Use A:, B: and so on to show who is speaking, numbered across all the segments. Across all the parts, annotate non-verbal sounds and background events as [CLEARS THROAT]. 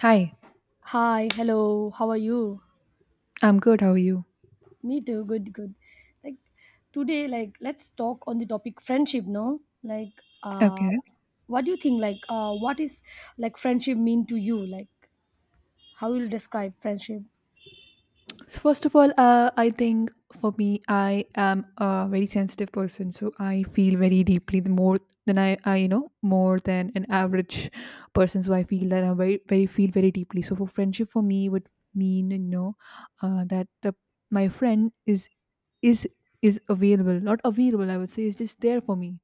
A: Hi,
B: Hi, hello. How are you?
A: I'm good. How are you?
B: Me too. Good, good. Like today, like let's talk on the topic friendship. No, like uh,
A: Okay.
B: what do you think? Like what is like friendship mean to you? Like how you'll describe friendship?
A: So first of all, I think for me, I am a very sensitive person, so I feel very deeply the more than you know, more than an average person. So I feel that I very, very feel very deeply. So for friendship, for me, would mean that the my friend is is is available, not available. I would say is just there for me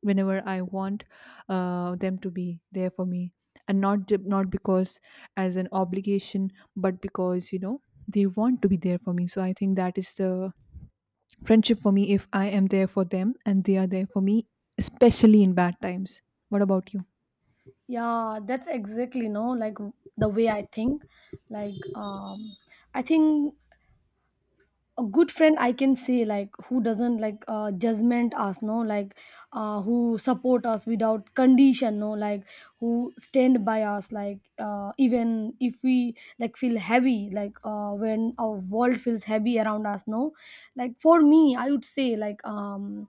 A: whenever I want them to be there for me, and not because as an obligation, but because they want to be there for me. So I think that is the friendship for me. If I am there for them and they are there for me, especially in bad times. What about you?
B: Yeah, that's exactly no. Like the way I think. Like I think a good friend I can say like who doesn't like judgment us no, like who support us without condition no, like who stand by us like even if we like feel heavy like when our world feels heavy around us no, like for me I would say like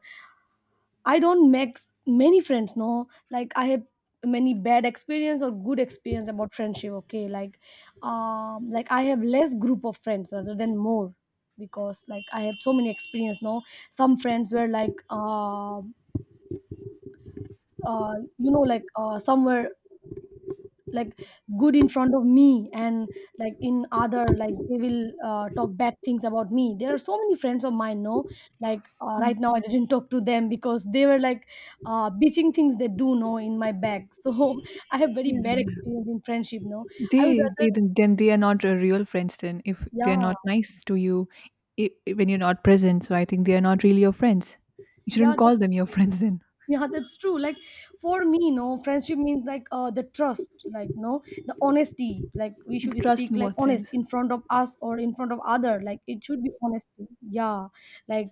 B: I don't make many friends, no. Like I have many bad experience or good experience about friendship. Okay, like I have less group of friends rather than more because like I have so many experience. No, some friends were like, you know, like some were like good in front of me and like in other like they will talk bad things about me. There are so many friends of mine no, like
A: Mm.
B: right now I didn't talk to them because they were like bitching things they do know in my back so [LAUGHS] I have very
A: Yeah,
B: bad
A: yeah.
B: experience in friendship no I would
A: they
B: rather
A: they then they are not a real friends. Then if they are
B: yeah.
A: not nice to you when you're not present, so I think they are not really your friends. You
B: Yeah,
A: shouldn't call them
B: that's
A: your friends. Then
B: yeah, that's true. Like for me no friendship means like the trust like no, the honesty. Like we should
A: trust
B: speak
A: in
B: like
A: what
B: honest
A: sense?
B: in front of us or in front of other, like it should be honesty. Yeah, like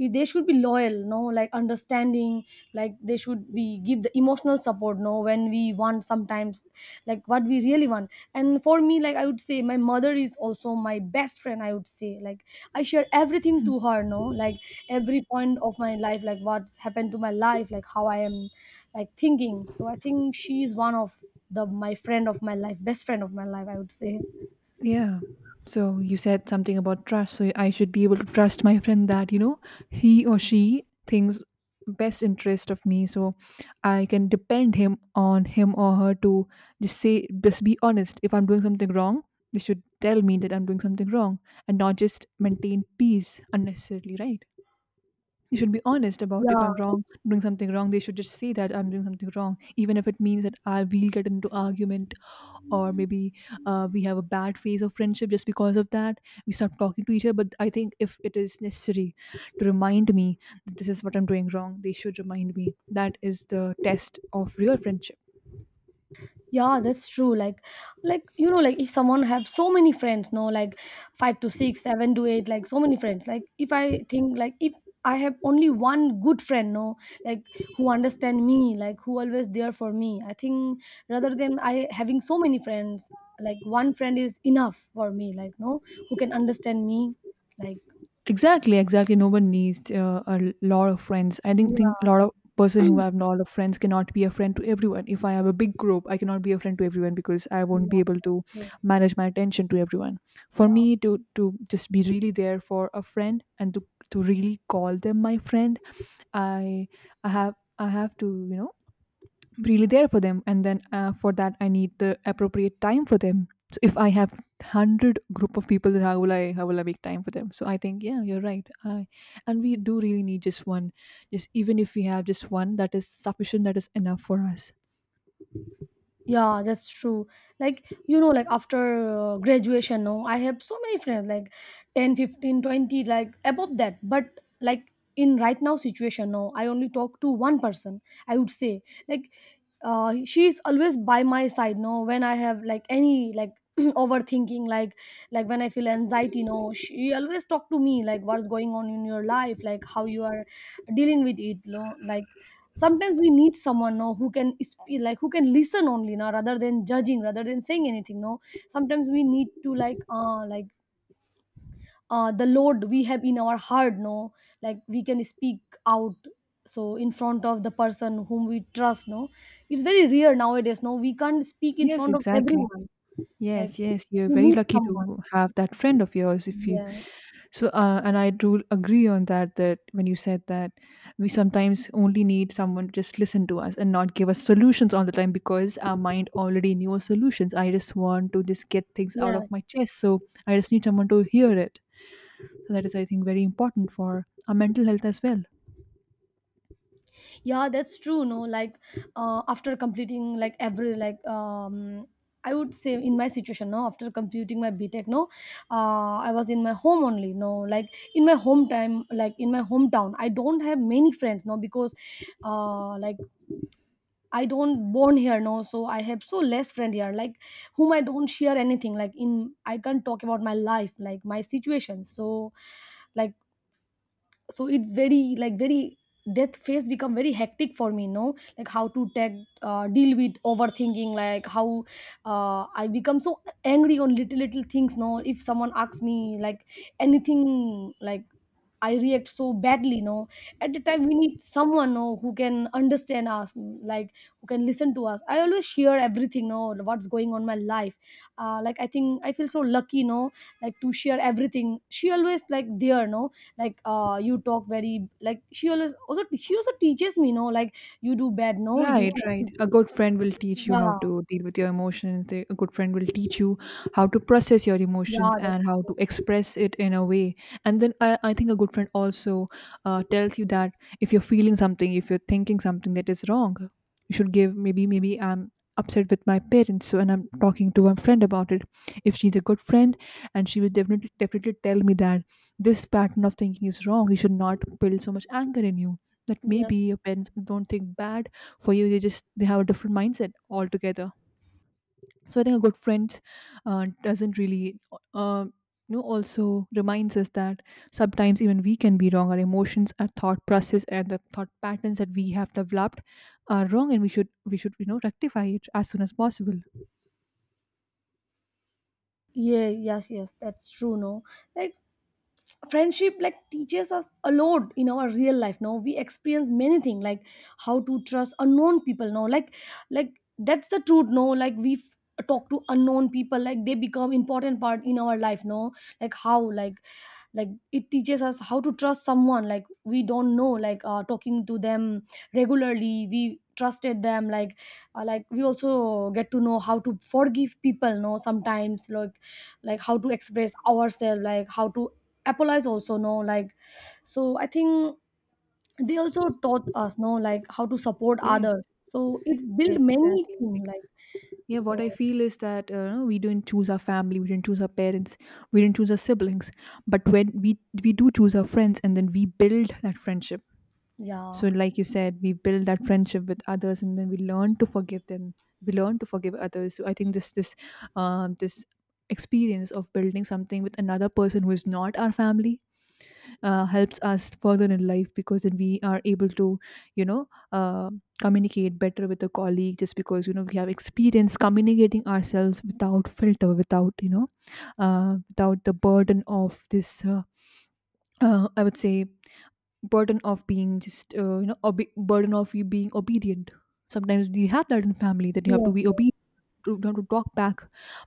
B: they should be loyal no, like understanding, like they should be give the emotional support no, when we want sometimes like what we really want. And for me like I would say my mother is also my best friend, I would say. Like I share everything to her, no? Like every point of my life, like what's happened to my life, like how I am like thinking. So I think she is one of the my friend of my life, best friend of my life, I would say.
A: Yeah. So you said something about trust. So I should be able to trust my friend that, you know, he or she thinks best interest of me. So I can depend him on him or her to just be honest. If I'm doing something wrong, they should tell me that I'm doing something wrong and not just maintain peace unnecessarily, right? You should be honest about if
B: Yeah.
A: I'm wrong, doing something wrong, they should just say that I'm doing something wrong, even if it means that I will get into argument or maybe we have a bad phase of friendship just because of that we stop talking to each other, but I think if it is necessary to remind me that this is what I'm doing wrong, they should remind me. That is the test of real friendship.
B: Yeah, that's true. Like you know, like if someone have so many friends, no, like five to six, seven to eight, like so many friends. Like if I think like if I have only one good friend, no, like who understand me, like who always there for me. I think rather than I having so many friends, like one friend is enough for me. Like no, who can understand me, like
A: Exactly, exactly. No one needs a lot of friends. I didn't think a
B: yeah,
A: lot of person who have a lot of friends cannot be a friend to everyone. If I have a big group, I cannot be a friend to everyone because I won't
B: yeah,
A: be able to manage my attention to everyone. For
B: yeah.
A: me to just be really there for a friend and to really call them my friend, I I have to, you know, really there for them, and then for that I need the appropriate time for them. So if I have 100 group of people, then how will I make time for them? So I think, yeah, you're right. And we do really need just one. Just even if we have just one, that is sufficient, that is enough for us.
B: Yeah, that's true. Like, you know, like after graduation, no, I have so many friends, like 10, 15, 20, like above that. But like in right now situation, no, I only talk to one person, I would say. Like, she's always by my side, no, when I have like any like [CLEARS THROAT] overthinking, like when I feel anxiety, no, she always talk to me, like what's going on in your life, like how you are dealing with it, no, like sometimes we need someone no who can like who can listen only now rather than judging rather than saying anything no, sometimes we need to like the load we have in our heart no, like we can speak out so in front of the person whom we trust no, it's very rare nowadays, no we can't speak in
A: Yes,
B: front of
A: exactly.
B: everyone like
A: Yes, yes, you're
B: we
A: very
B: need
A: lucky to
B: someone.
A: have that friend of yours if you.
B: Yeah,
A: So, and I do agree on that. That when you said that we sometimes only need someone to just listen to us and not give us solutions all the time because our mind already knew solutions. I just want to just get things out of my
B: yes,
A: chest, so I just need someone to hear it. So that is, I think, very important for our mental health as well.
B: yeah, that's true no, like after completing like every like I would say in my situation no, after completing my btech no, I was in my home only no, like in my hometown like in my hometown I don't have many friends no, because like I don't born here no, so I have so less friend here like whom I don't share anything, like in I can't talk about my life like my situation so like so it's very like very death phase become very hectic for me no, like how to tag deal with overthinking, like how I become so angry on little little things no, if someone asks me like anything like I react so badly. No, at the time we need someone no who can understand us, mm, like who can listen to us. I always share everything. No, what's going on my life. Like I think I feel so lucky. No, like to share everything. She always like there. No, like you talk very like she always also she also teaches me. No, like you do bad. No, you
A: Right, right. A good friend will teach you how
B: yeah
A: to deal with your emotions. A good friend will teach you how to process your emotions
B: yeah,
A: and
B: that's
A: how
B: true.
A: to express it in a way. And then I think a good friend also tells you that if you're feeling something, if you're thinking something that is wrong, you should give maybe, maybe I'm upset with my parents. So, and I'm talking to my friend about it. If she's a good friend, and she will definitely, definitely tell me that this pattern of thinking is wrong, you should not build so much anger in you. That
B: Yes.
A: maybe your parents don't think bad for you, they just they have a different mindset altogether. So I think a good friend doesn't really uh, you know, also reminds us that sometimes even we can be wrong. Our emotions, our thought process, and the thought patterns that we have developed are wrong, and we should, you know, rectify it as soon as possible.
B: Yeah, yes, yes, that's true. No, like friendship like teaches us a lot in our real life no, we experience many things like how to trust unknown people no, like like that's the truth no, like we talk to unknown people like they become important part in our life no, like how like it teaches us how to trust someone like we don't know like talking to them regularly we trusted them like we also get to know how to forgive people no, sometimes like how to express ourselves like how to apologize also no, like so I think they also taught us no, like how to support
A: Yes,
B: others so it's
A: yes,
B: built many
A: exactly.
B: things
A: Like,
B: like
A: yeah, what
B: so
A: I feel is that we didn't choose our family, we didn't choose our parents, we didn't choose our siblings. But when we do choose our friends, and then we build that friendship.
B: yeah
A: So, like you said, we build that friendship with others, and then we learn to forgive them. We learn to forgive others. So, I think this experience of building something with another person who is not our family helps us further in life, because then we are able to, you know, communicate better with a colleague just because, you know, we have experience communicating ourselves without filter, without, without the burden of this. I would say burden of being just you know, burden of you being obedient. Sometimes you have that in family that you have to
B: yes
A: be
B: yes
A: obedient, you have to talk back.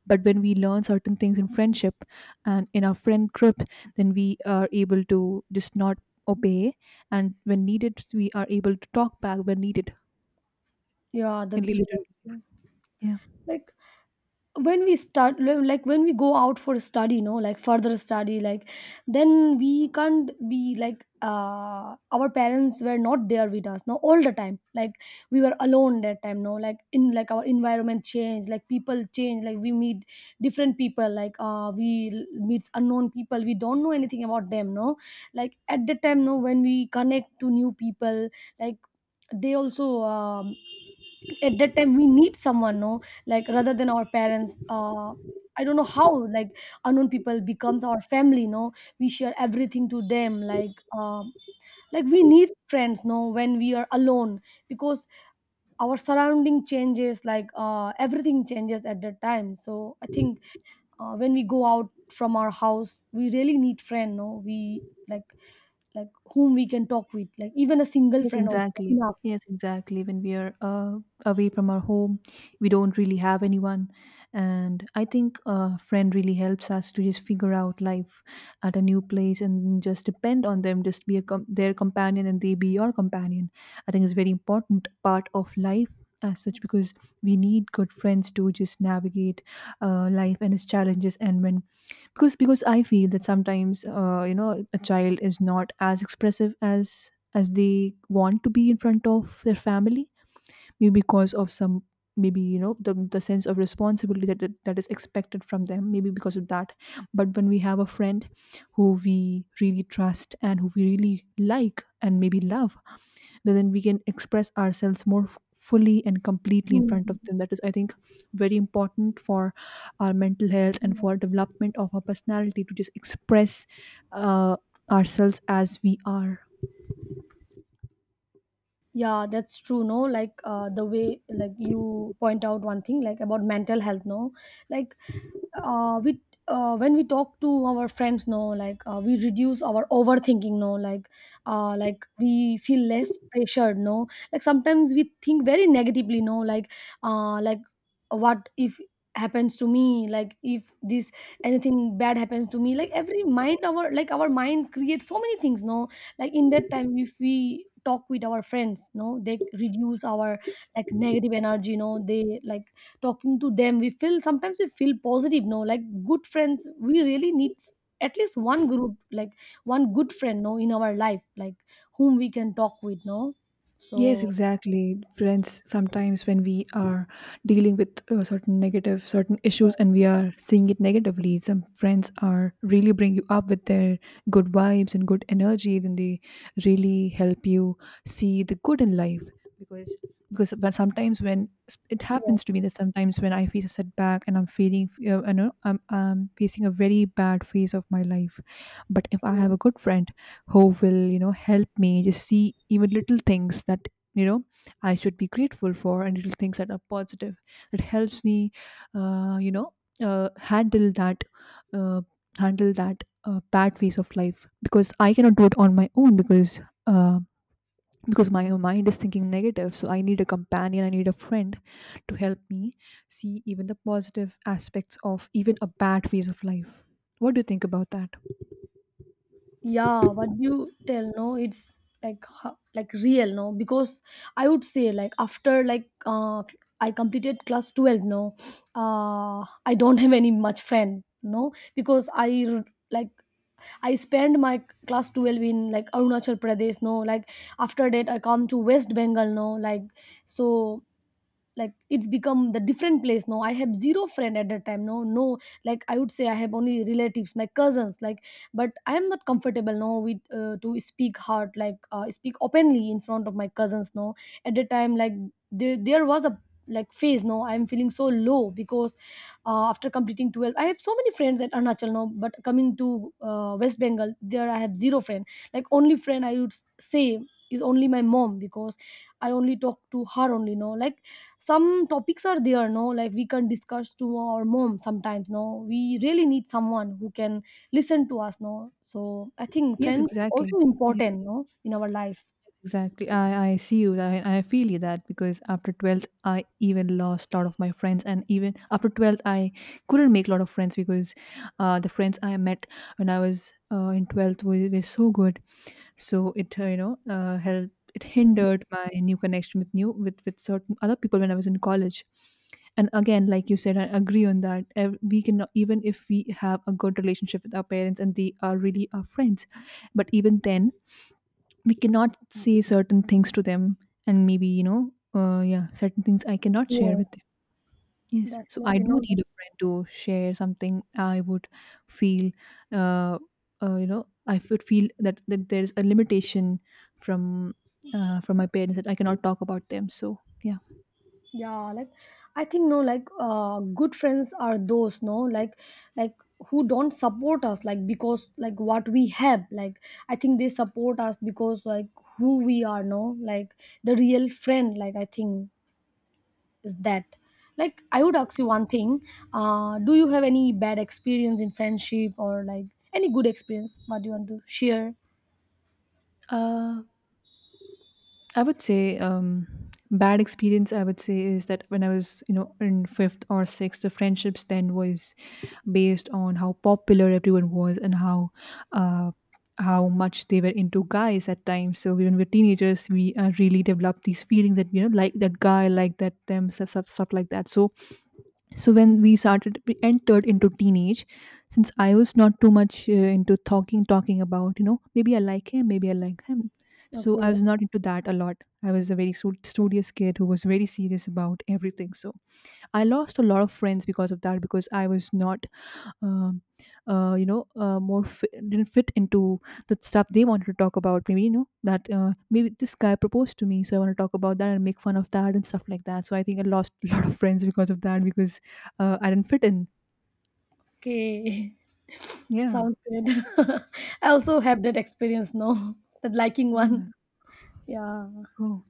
A: But when we learn certain things in friendship and in our friend group, then we are able to just not obey, and when needed we are able to talk back when needed
B: yeah,
A: in
B: that's true,
A: later.
B: that's true.
A: Yeah.
B: Like when we start like when we go out for study no, like further study like then we can't be like our parents were not there with us no, all the time like we were alone that time no, like in like our environment changed like people change like we meet different people like meet unknown people we don't know anything about them no, like at the time no, when we connect to new people like they also at that time we need someone no, like rather than our parents I don't know how like unknown people becomes our family no, we share everything to them like we need friends no, when we are alone because our surrounding changes like everything changes at that time so I think when we go out from our house we really need friend no, we like like whom we can talk with like even a single
A: Yes,
B: friend also
A: exactly.
B: enough.
A: Yes, exactly. When we are away from our home, we don't really have anyone. And I think a friend really helps us to just figure out life at a new place and just depend on them, just be a their companion and they be your companion. I think it's very important part of life as such, because we need good friends to just navigate life and its challenges. And when because I feel that sometimes you know, a child is not as expressive as they want to be in front of their family, maybe because of some, maybe you know the sense of responsibility that, that is expected from them, maybe because of that. But when we have a friend who we really trust and who we really like and maybe love, but then we can express ourselves more fully and completely in front of
B: Mm.
A: them, that is, I think, very important for our mental health and for
B: Yes.
A: development of our personality to just express uh, ourselves as we are.
B: Yeah, that's true. No, like the way like you point out one thing like about mental health. No, like we when we talk to our friends no, like we reduce our overthinking no, like like we feel less pressured no, like sometimes we think very negatively no, like like what if happens to me like if this anything bad happens to me like every mind our like our mind creates so many things no, like in that time if we talk with our friends no, they reduce our like negative energy no, they like talking to them we feel sometimes we feel positive no, like good friends we really need at least one group, like one good friend no, in our life like whom we can talk with no,
A: Yes,
B: so
A: exactly. Friends, sometimes when we are dealing with certain negative, certain issues, and we are seeing it negatively, some friends are really bring you up with their good vibes and good energy. Then they really help you see the good in life. Because because but sometimes when it
B: yeah,
A: happens to me that sometimes when I face a setback and I'm feeling, you know, I'm facing a very bad phase of my life, but if I have
B: okay.
A: a good friend who will, you know, help me just see even little things that, you know, I should be grateful for, and little things that are positive, it helps me, you know, handle that, uh, bad phase of life, because I cannot do it on my own uh, because my mind is thinking negative. So I need a companion, I need a friend to help me see even the positive aspects of even a bad phase of life. What do you think about that?
B: Yeah, what you tell no, it's like like real no, because I would say like after like I completed class 12 no, uh I don't have any much friend no, because r- like I spent my class 12 in like Arunachal Pradesh no, like after that I come to West Bengal no, like so like it's become the different place. Now I have zero friend at that time no no, like I would say I have only relatives, my cousins like, but I am not comfortable now with to speak hard like speak openly in front of my cousins no, at the time like there was a like phase no, I'm feeling so low because after completing 12 I have so many friends at arunachal, now but coming to west bengal there I have zero friend like only friend I would say is only my mom because I only talk to her only no, like some topics are there no, like we can discuss to our mom sometimes no, we really need someone who can listen to us no, so I think
A: Yes,
B: friends
A: exactly.
B: also
A: Yes,
B: important no, in our life.
A: exactly. I see you. I feel you, that because after 12th, I even lost a lot of my friends. And even after 12th, I couldn't make a lot of friends because the friends I met when I was in 12th were so good. So it, you know, helped, it
B: Mm,
A: hindered my new connection with new, with certain other people when I was in college. And again, like you said, I agree on that. We can, even if we have a good relationship with our parents and they are really our friends, but even then we cannot say certain things to them, and maybe, you know, yeah, certain things I cannot share
B: yes,
A: with them. Yes, so I
B: definitely.
A: do
B: No,
A: need a
B: that's-
A: friend to share something. I would feel uh, you know, I would feel that, that there's a limitation from, from my parents, that I cannot talk about them. So yeah,
B: Yeah, like I think, no, like good friends are those, no, like like who don't support us, like because like what we have, like I think they support us because like who we are, no, like the real friend, like I think is that, like I would ask you one thing. Do you have any bad experience in friendship, or like any good experience what do you want to share?
A: uh, I would say bad experience. I would say is that when I was, you know, in fifth or sixth, the friendships then was based on how popular everyone was and how, uh, how much they were into guys at times. So when we're teenagers, we really develop these feelings that, you know, like that guy, like that them stuff, stuff, stuff like that. So when we started we entered into teenage, since I was not too much into talking about, you know, maybe I like him, maybe I like him. So I
B: Okay.
A: was not into that a lot. I was a very studious kid who was very serious about everything. So I lost a lot of friends because of that, because I was not um, more fit, didn't fit into the stuff they wanted to talk about. Maybe, you know, that maybe this guy proposed to me, so I want to talk about that and make fun of that and stuff like that. So I think I lost [LAUGHS] a lot of friends because of that, because I didn't fit in.
B: Okay. [LAUGHS]
A: Yeah,
B: Sounds good. [LAUGHS] I also have that experience, no. [LAUGHS] That liking
A: yeah,
B: one. Yeah,
A: oh,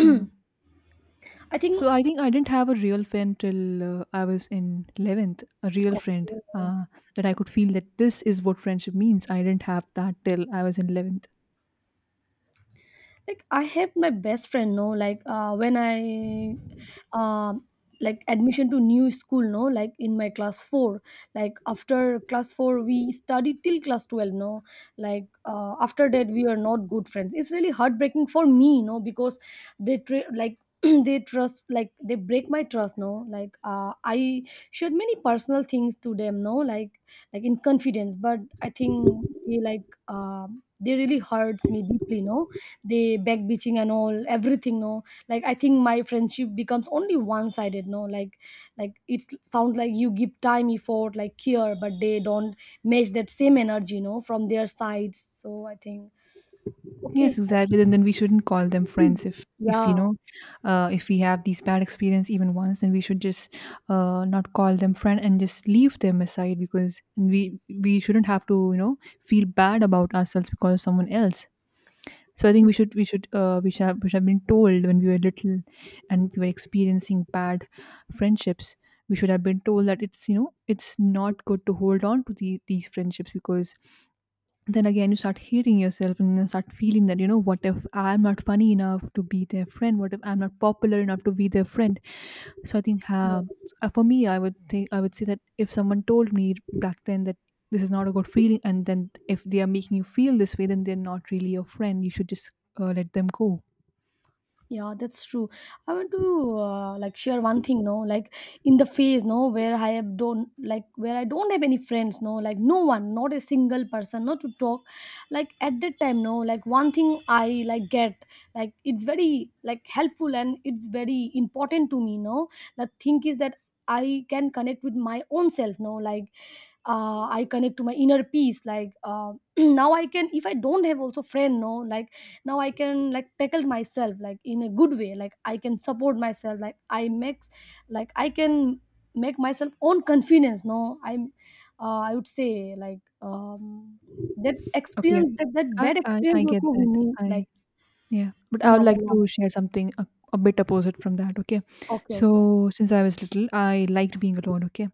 A: yeah.
B: I
A: So
B: think.
A: I think I didn't have a real friend till I was in 11th. A real friend
B: Okay.
A: that I could feel that this is what friendship means. I didn't have that till I was in 11th.
B: Like I helped my best friend, know, like when I um like admission to new school, no, like in my class 4, like after class 4 we studied till class 12, no, like after that we are not good friends. It's really heartbreaking for me, no, because like [CLEARS THROAT] they trust, like they break my trust, no, like I shared many personal things to them, no, like like in confidence, but I think they like they really hurts me deeply, no. They back bitching and all everything, no, like I think my friendship becomes only one sided, no, like like it sounds like you give time, effort, like care, but they don't match that same energy, no, from their sides, so I think. Okay.
A: Yes, exactly. Then we shouldn't call them friends, if
B: [CLEARS THROAT]
A: if you
B: Yeah.
A: know, if we have these bad experience even once, then we should just not call them friend and just leave them aside, because we shouldn't have to, you know, feel bad about ourselves because of someone else. So I think we should have been told when we were little and we were experiencing bad friendships. We should have been told that it's, you know, it's not good to hold on to these friendships, because then again you start hating yourself and then start feeling that, you know, what if I'm not funny enough to be their friend, what if I'm not popular enough to be their friend. So I think for me, I would say that if someone told me back then that this is not a good feeling, and then if they are making you feel this way, then they're not really your friend, you should just let them go.
B: Yeah, that's true. I want to like share one thing, no, like in the phase, no, where I have don't like where I don't have any friends, no, like no one, not a single person, not to talk. Like at that time, no, like one thing I like get, like it's very like helpful and it's very important to me, no. The thing is that I can connect with my own self, no, like I connect to my inner peace. Like [CLEARS THROAT] now, I can if I don't have also friend, no, like now I can like tackle myself like in a good way. Like I can support myself. Like I make, like I can make myself own confidence. No, I'm, I would say like that
A: Okay.
B: experience that bad experience
A: I get
B: also we
A: that
B: need
A: I
B: like
A: Yeah, but I
B: in
A: would
B: our
A: like
B: life.
A: to share something a bit opposite from that, okay?
B: Okay, okay,
A: So since I was little, I liked being alone, okay?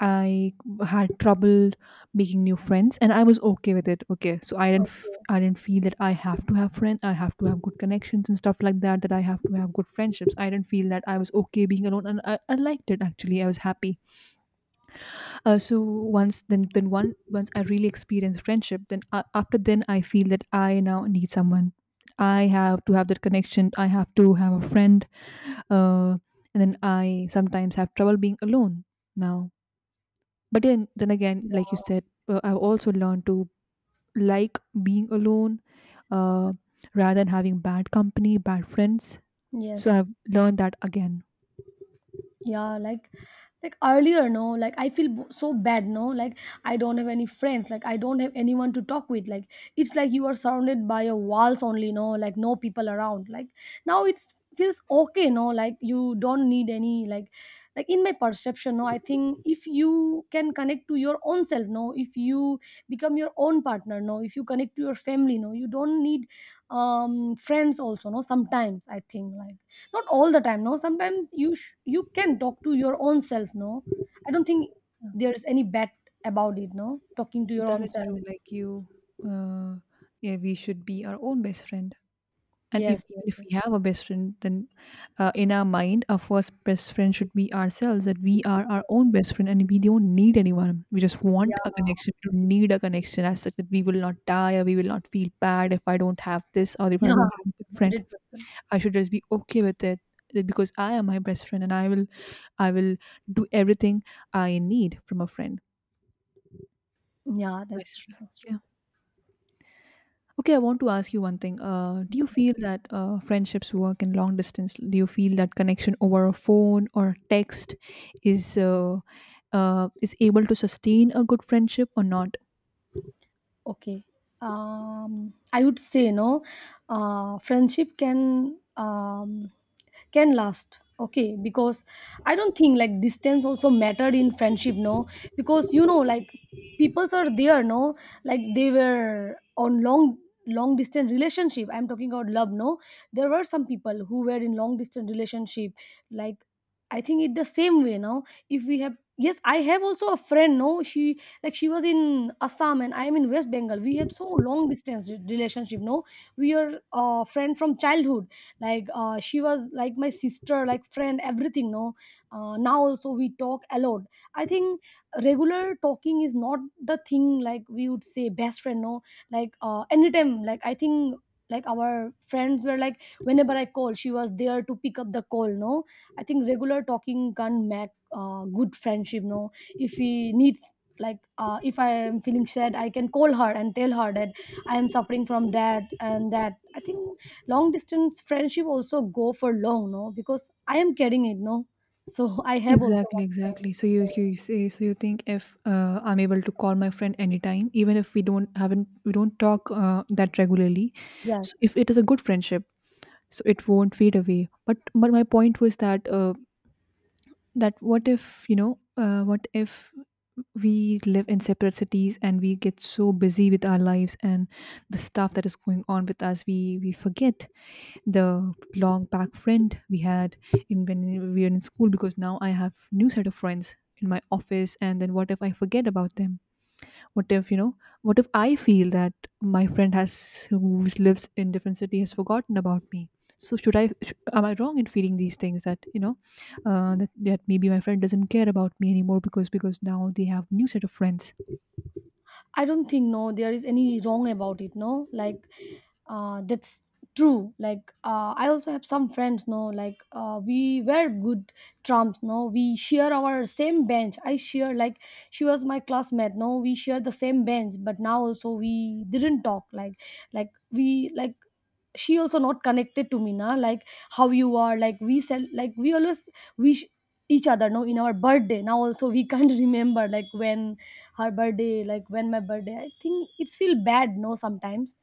A: I had trouble making new friends, and I was okay with it. Okay, so I didn't,
B: okay.
A: I didn't feel that I have to have friends, I have to have good connections and stuff like that. That I have to have good friendships. I didn't feel that. I was okay being alone, and I liked it actually. I was happy. So once then one once I really experienced friendship, then after then I feel that I now need someone. I have to have that connection. I have to have a friend. Uh, and then I sometimes have trouble being alone now. But then again, like you said, I've also learned to like being alone, uh, rather than having bad company, bad friends. So
B: Yes,
A: I've learned that again.
B: yeah, like earlier, no, like I feel so bad, no, like I don't have any friends, like I don't have anyone to talk with, like it's like you are surrounded by your walls only, no, like no people around, like now it's feels okay, no, like you don't need any, like in my perception, no, I think if you can connect to your own self, no, if you become your own partner, no, if you connect to your family, no, you don't need friends also, no, sometimes I think like not all the time, no, sometimes you you can talk to your own self, no, I don't think
A: Yeah.
B: there's any bad about it, no, talking to your
A: That
B: own
A: is
B: self.
A: true. Like you, uh, yeah, we should be our own best friend. And if,
B: Yes, yes,
A: even if
B: yes.
A: we have a best friend, then in our mind, our first best friend should be ourselves, that we are our own best friend and we don't need anyone. We just want a
B: Yeah.
A: connection. We don't need a connection as such that we will not die or we will not feel bad if I don't have this or
B: [LAUGHS]
A: if I
B: Yeah,
A: don't have a good friend.
B: 100%.
A: I should just be okay with it, that because I am my best friend and I will do everything I need from a friend
B: Yeah, that's
A: myself.
B: true. That's true.
A: Yeah. Okay, I want to ask you one thing. Do you feel that friendships work in long distance? Do you feel that connection over a phone or text is uh, is able to sustain a good friendship or not?
B: Okay. I would say no, friendship can, can last. Okay, because I don't think like distance also mattered in friendship, no, because like peoples are there, no, like they were on long long distance relationship, I'm talking about love, no, there were some people who were in long distance relationship, like I think it the same way, no, if we have, yes I have also a friend, no, she like she was in Assam, and I am in West Bengal. We have so long distance relationship, no, we are a friend from childhood. Like she was like my sister, like friend, everything, no, now also we talk a lot. I think regular talking is not the thing, like we would say best friend, no, like anytime, like I think like our friends were like whenever I call, she was there to pick up the call, no, I think regular talking can make good friendship, no, if we need, like if I am feeling sad, I can call her and tell her that I am suffering from that and that, I think long distance friendship also go for long, no, because I am carrying it, no, so [LAUGHS] I have also
A: Exactly,
B: one friend.
A: exactly. So you
B: So,
A: you say, so you think if I'm able to call my friend anytime, even if we don't talk that regularly,
B: yes,
A: so if it is a good friendship, so it won't fade away. But my point was that that what if, you know, what if we live in separate cities and we get so busy with our lives and the stuff that is going on with us, we forget the long back friend we had in, when we were in school, because now I have new set of friends in my office, and then what if I forget about them, what if, you know, what if I feel that my friend has, who lives in different city, has forgotten about me. So am I wrong in feeling these things that, you know, that maybe my friend doesn't care about me anymore, because now they have new set of friends.
B: I don't think, no, there is any wrong about it, no, like that's true. Like I also have some friends, no, like we were good trumps, no, we share our same bench, I share, like she was my classmate, no, we share the same bench, but now also we didn't talk, like we, like she also not connected to me, na, like how you are, like we sell, like we always wish each other, no, in our birthday. Now also we can't [LAUGHS] remember like when her birthday, like when my birthday. I think it's feel bad, no, sometimes.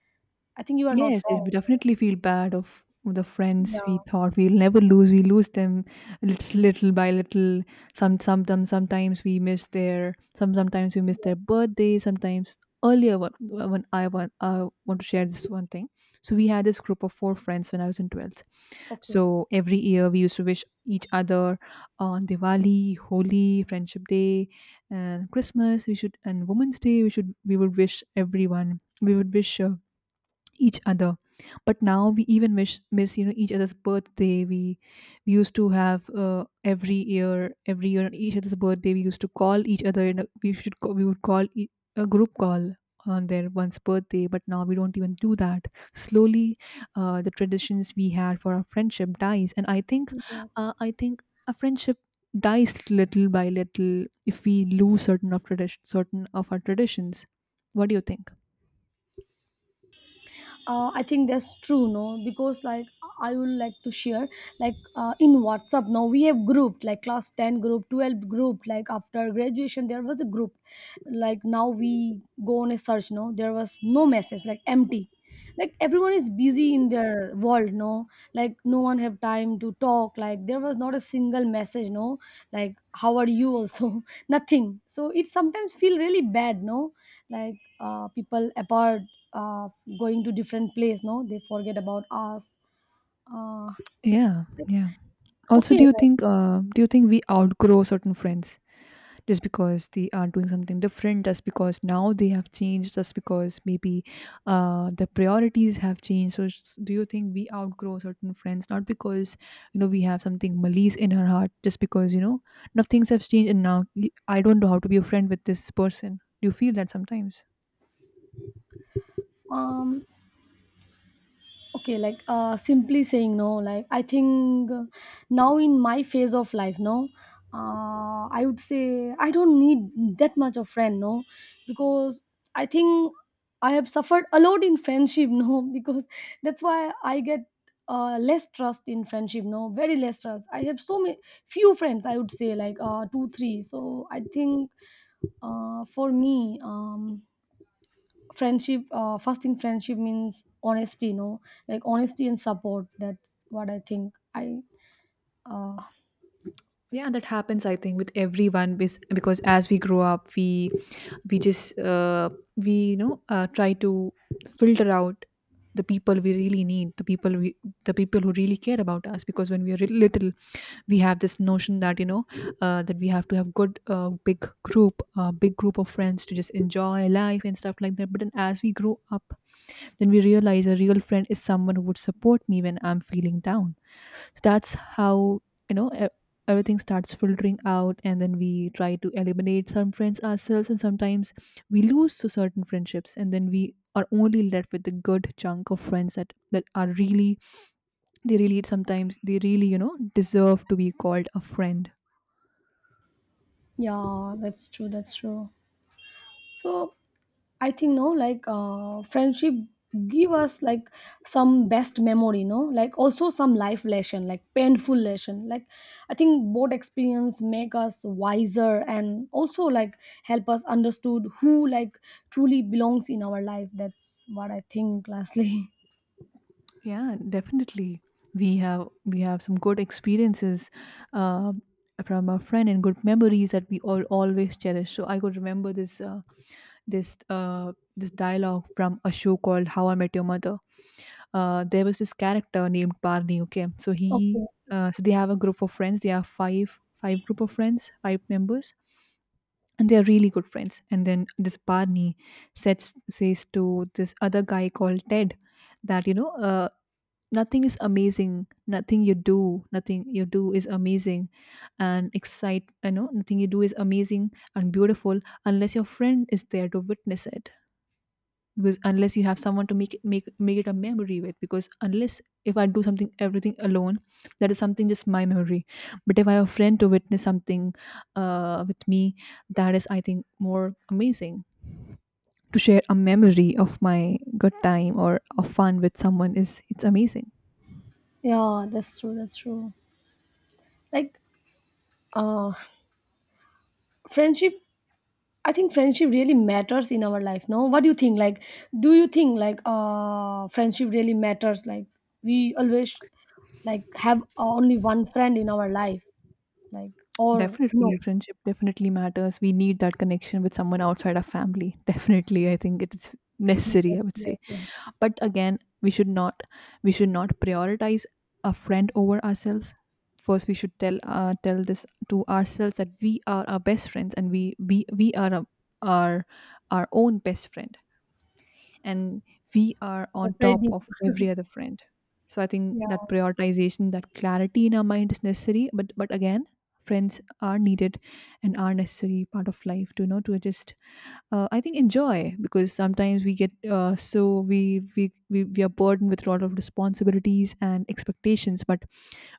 B: I think you are not
A: Yes, yes,
B: wrong.
A: we definitely feel bad of the friends we
B: Yeah,
A: thought we'll never lose. We lose them little, little by little. Sometimes we miss their. Sometimes we miss
B: yeah.
A: their birthday. Sometimes earlier, when, I want to share this one thing. So we had this group of four friends when I was in 12th.
B: Okay.
A: So every year we used to wish each other on Diwali, Holi, Friendship Day, and Christmas. We should and Women's Day. We would wish everyone. We would wish. Each other, but now we even miss, you know, each other's birthday. We used to have Every year, every year on each other's birthday, we used to call each other, and we would a group call on their one's birthday. But now we don't even do that. Slowly, the traditions we had for our friendship dies, and I think
B: Yes,
A: uh, i think a friendship dies little by little if we lose certain of tradition, certain of our traditions. What do you think?
B: I think that's true, no, because like I would like to share. Like in WhatsApp now we have grouped, like class 10 group, 12 group, like after graduation there was a group. Like now we go on a search, no, there was no message, like empty. Like everyone is busy in their world, no, like no one have time to talk, like there was not a single message, no, like how are you also [LAUGHS] nothing. So it sometimes feel really bad, no, like people apart, uh, going to different place, no, they forget about us. uh,
A: Yeah,
B: like,
A: yeah. Also,
B: okay, like,
A: do you think we outgrow certain friends just because they are doing something different, just because now they have changed, just because maybe the priorities have changed? So, do you think we outgrow certain friends not because, you know, we have something malice in our heart, just because, you know, now things have changed and now I don't know how to be a friend with this person? Do you feel that sometimes?
B: um okay, like simply saying, no, like I think, now in my phase of life, no, I would say I don't need that much of friend, no, because I think I have suffered a lot in friendship, no, [LAUGHS] because that's why I get less trust in friendship, no, very less trust. I have so many few friends, I would say like two three, so I think for me, friendship, first thing friendship means honesty, like honesty and support. That's what I think, I uh
A: Yeah, that happens I think with everyone, because as we grow up, we just, we you know, try to filter out the people we really need, the people we, the people who really care about us. Because when we are little, we have this notion that, you know, that we have to have good big group of friends to just enjoy life and stuff like that. But then as we grow up, then we realize a real friend is someone who would support me when I'm feeling down. So that's how, you know, everything starts filtering out, and then we try to eliminate some friends ourselves, and sometimes we lose to certain friendships, and then we are only left with a good chunk of friends that are really, they really, sometimes they really, you know, deserve to be called a friend.
B: yeah, that's true. That's true. So, I think no, like friendship give us like some best memory, no, like also some life lesson, like painful lesson, like I think both experience make us wiser and also, like help us understood who, like truly belongs in our life. That's what I think, lastly.
A: Yeah, definitely. We have some good experiences uh, from our friend and good memories that we all always cherish. So I could remember this this dialogue from a show called How I Met Your Mother. There was this character named Barney. Okay, so he,
B: [LAUGHS] Okay.
A: so they have a group of friends. They have five group of friends, five members, and they are really good friends. And then this Barney says to this other guy called Ted that, you know, nothing is amazing, nothing you do is amazing and excite you know nothing you do is amazing and beautiful unless your friend is there to witness it. Because unless you have someone to make it, make it a memory with, because unless, if I do something, everything alone, that is something just my memory. But if I have a friend to witness something with me, that is, I think, more amazing. To share a memory of my good time or a fun with someone, is, it's amazing.
B: Yeah, that's true. That's true. Like, uh, friendship. I think friendship really matters in our life. No, what do you think? Like, do you think like friendship really matters? Like, we always like have only one friend in our life. Like, or no?
A: Definitely, friendship definitely matters. We need that connection with someone outside our family. [LAUGHS] Definitely, I think it is necessary,
B: Yes,
A: I would
B: yes,
A: say.
B: yes.
A: But again, we should not, we should not prioritize a friend over ourselves. First, we should tell this to ourselves that we are our best friends, and we are our our own best friend, and we are
B: That's
A: on
B: very
A: top
B: deep.
A: of every other friend. So I think
B: Yeah.
A: that prioritization, that clarity in our mind is necessary. But again, friends are needed and are necessary part of life, to, you know, to just I think enjoy, because sometimes we get so we, we are burdened with a lot of responsibilities and expectations. But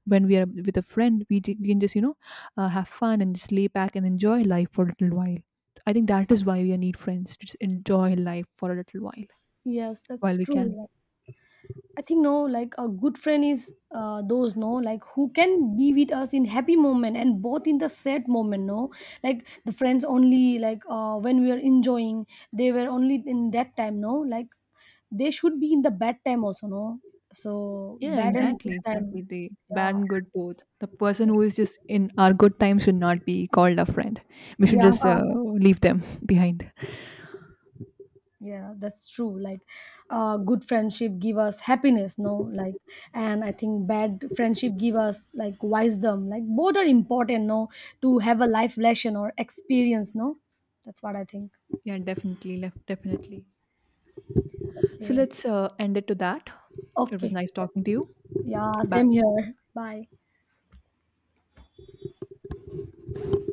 A: when we are with a friend, we can just, you know, have fun and just lay back and enjoy life for a little while. I think that is why we need friends, to just enjoy life for a little
B: Yes,
A: while
B: that's
A: we can.
B: true. I think no, like a good friend is those, no, like who can be with us in happy moment and both in the sad moment. No, like the friends only like when we are enjoying, they were only in that time. No, like they should be in the bad time also. No, so
A: Yeah,
B: bad and good
A: exactly, exactly.
B: time.
A: The bad
B: Yeah,
A: and good both. The person who is just in our good times should not be called a friend. We should
B: yeah.
A: just
B: Yeah.
A: leave them [LAUGHS] behind.
B: Yeah, that's true. Like good friendship give us happiness, no, like and I think bad friendship give us like wisdom, like both are important, no, to have a life lesson or experience, no, that's what I think.
A: Yeah, definitely, left, definitely. So
B: Okay.
A: let's end it to that. It was
B: Okay.
A: nice talking to you.
B: Yeah, same
A: Bye.
B: here. Bye.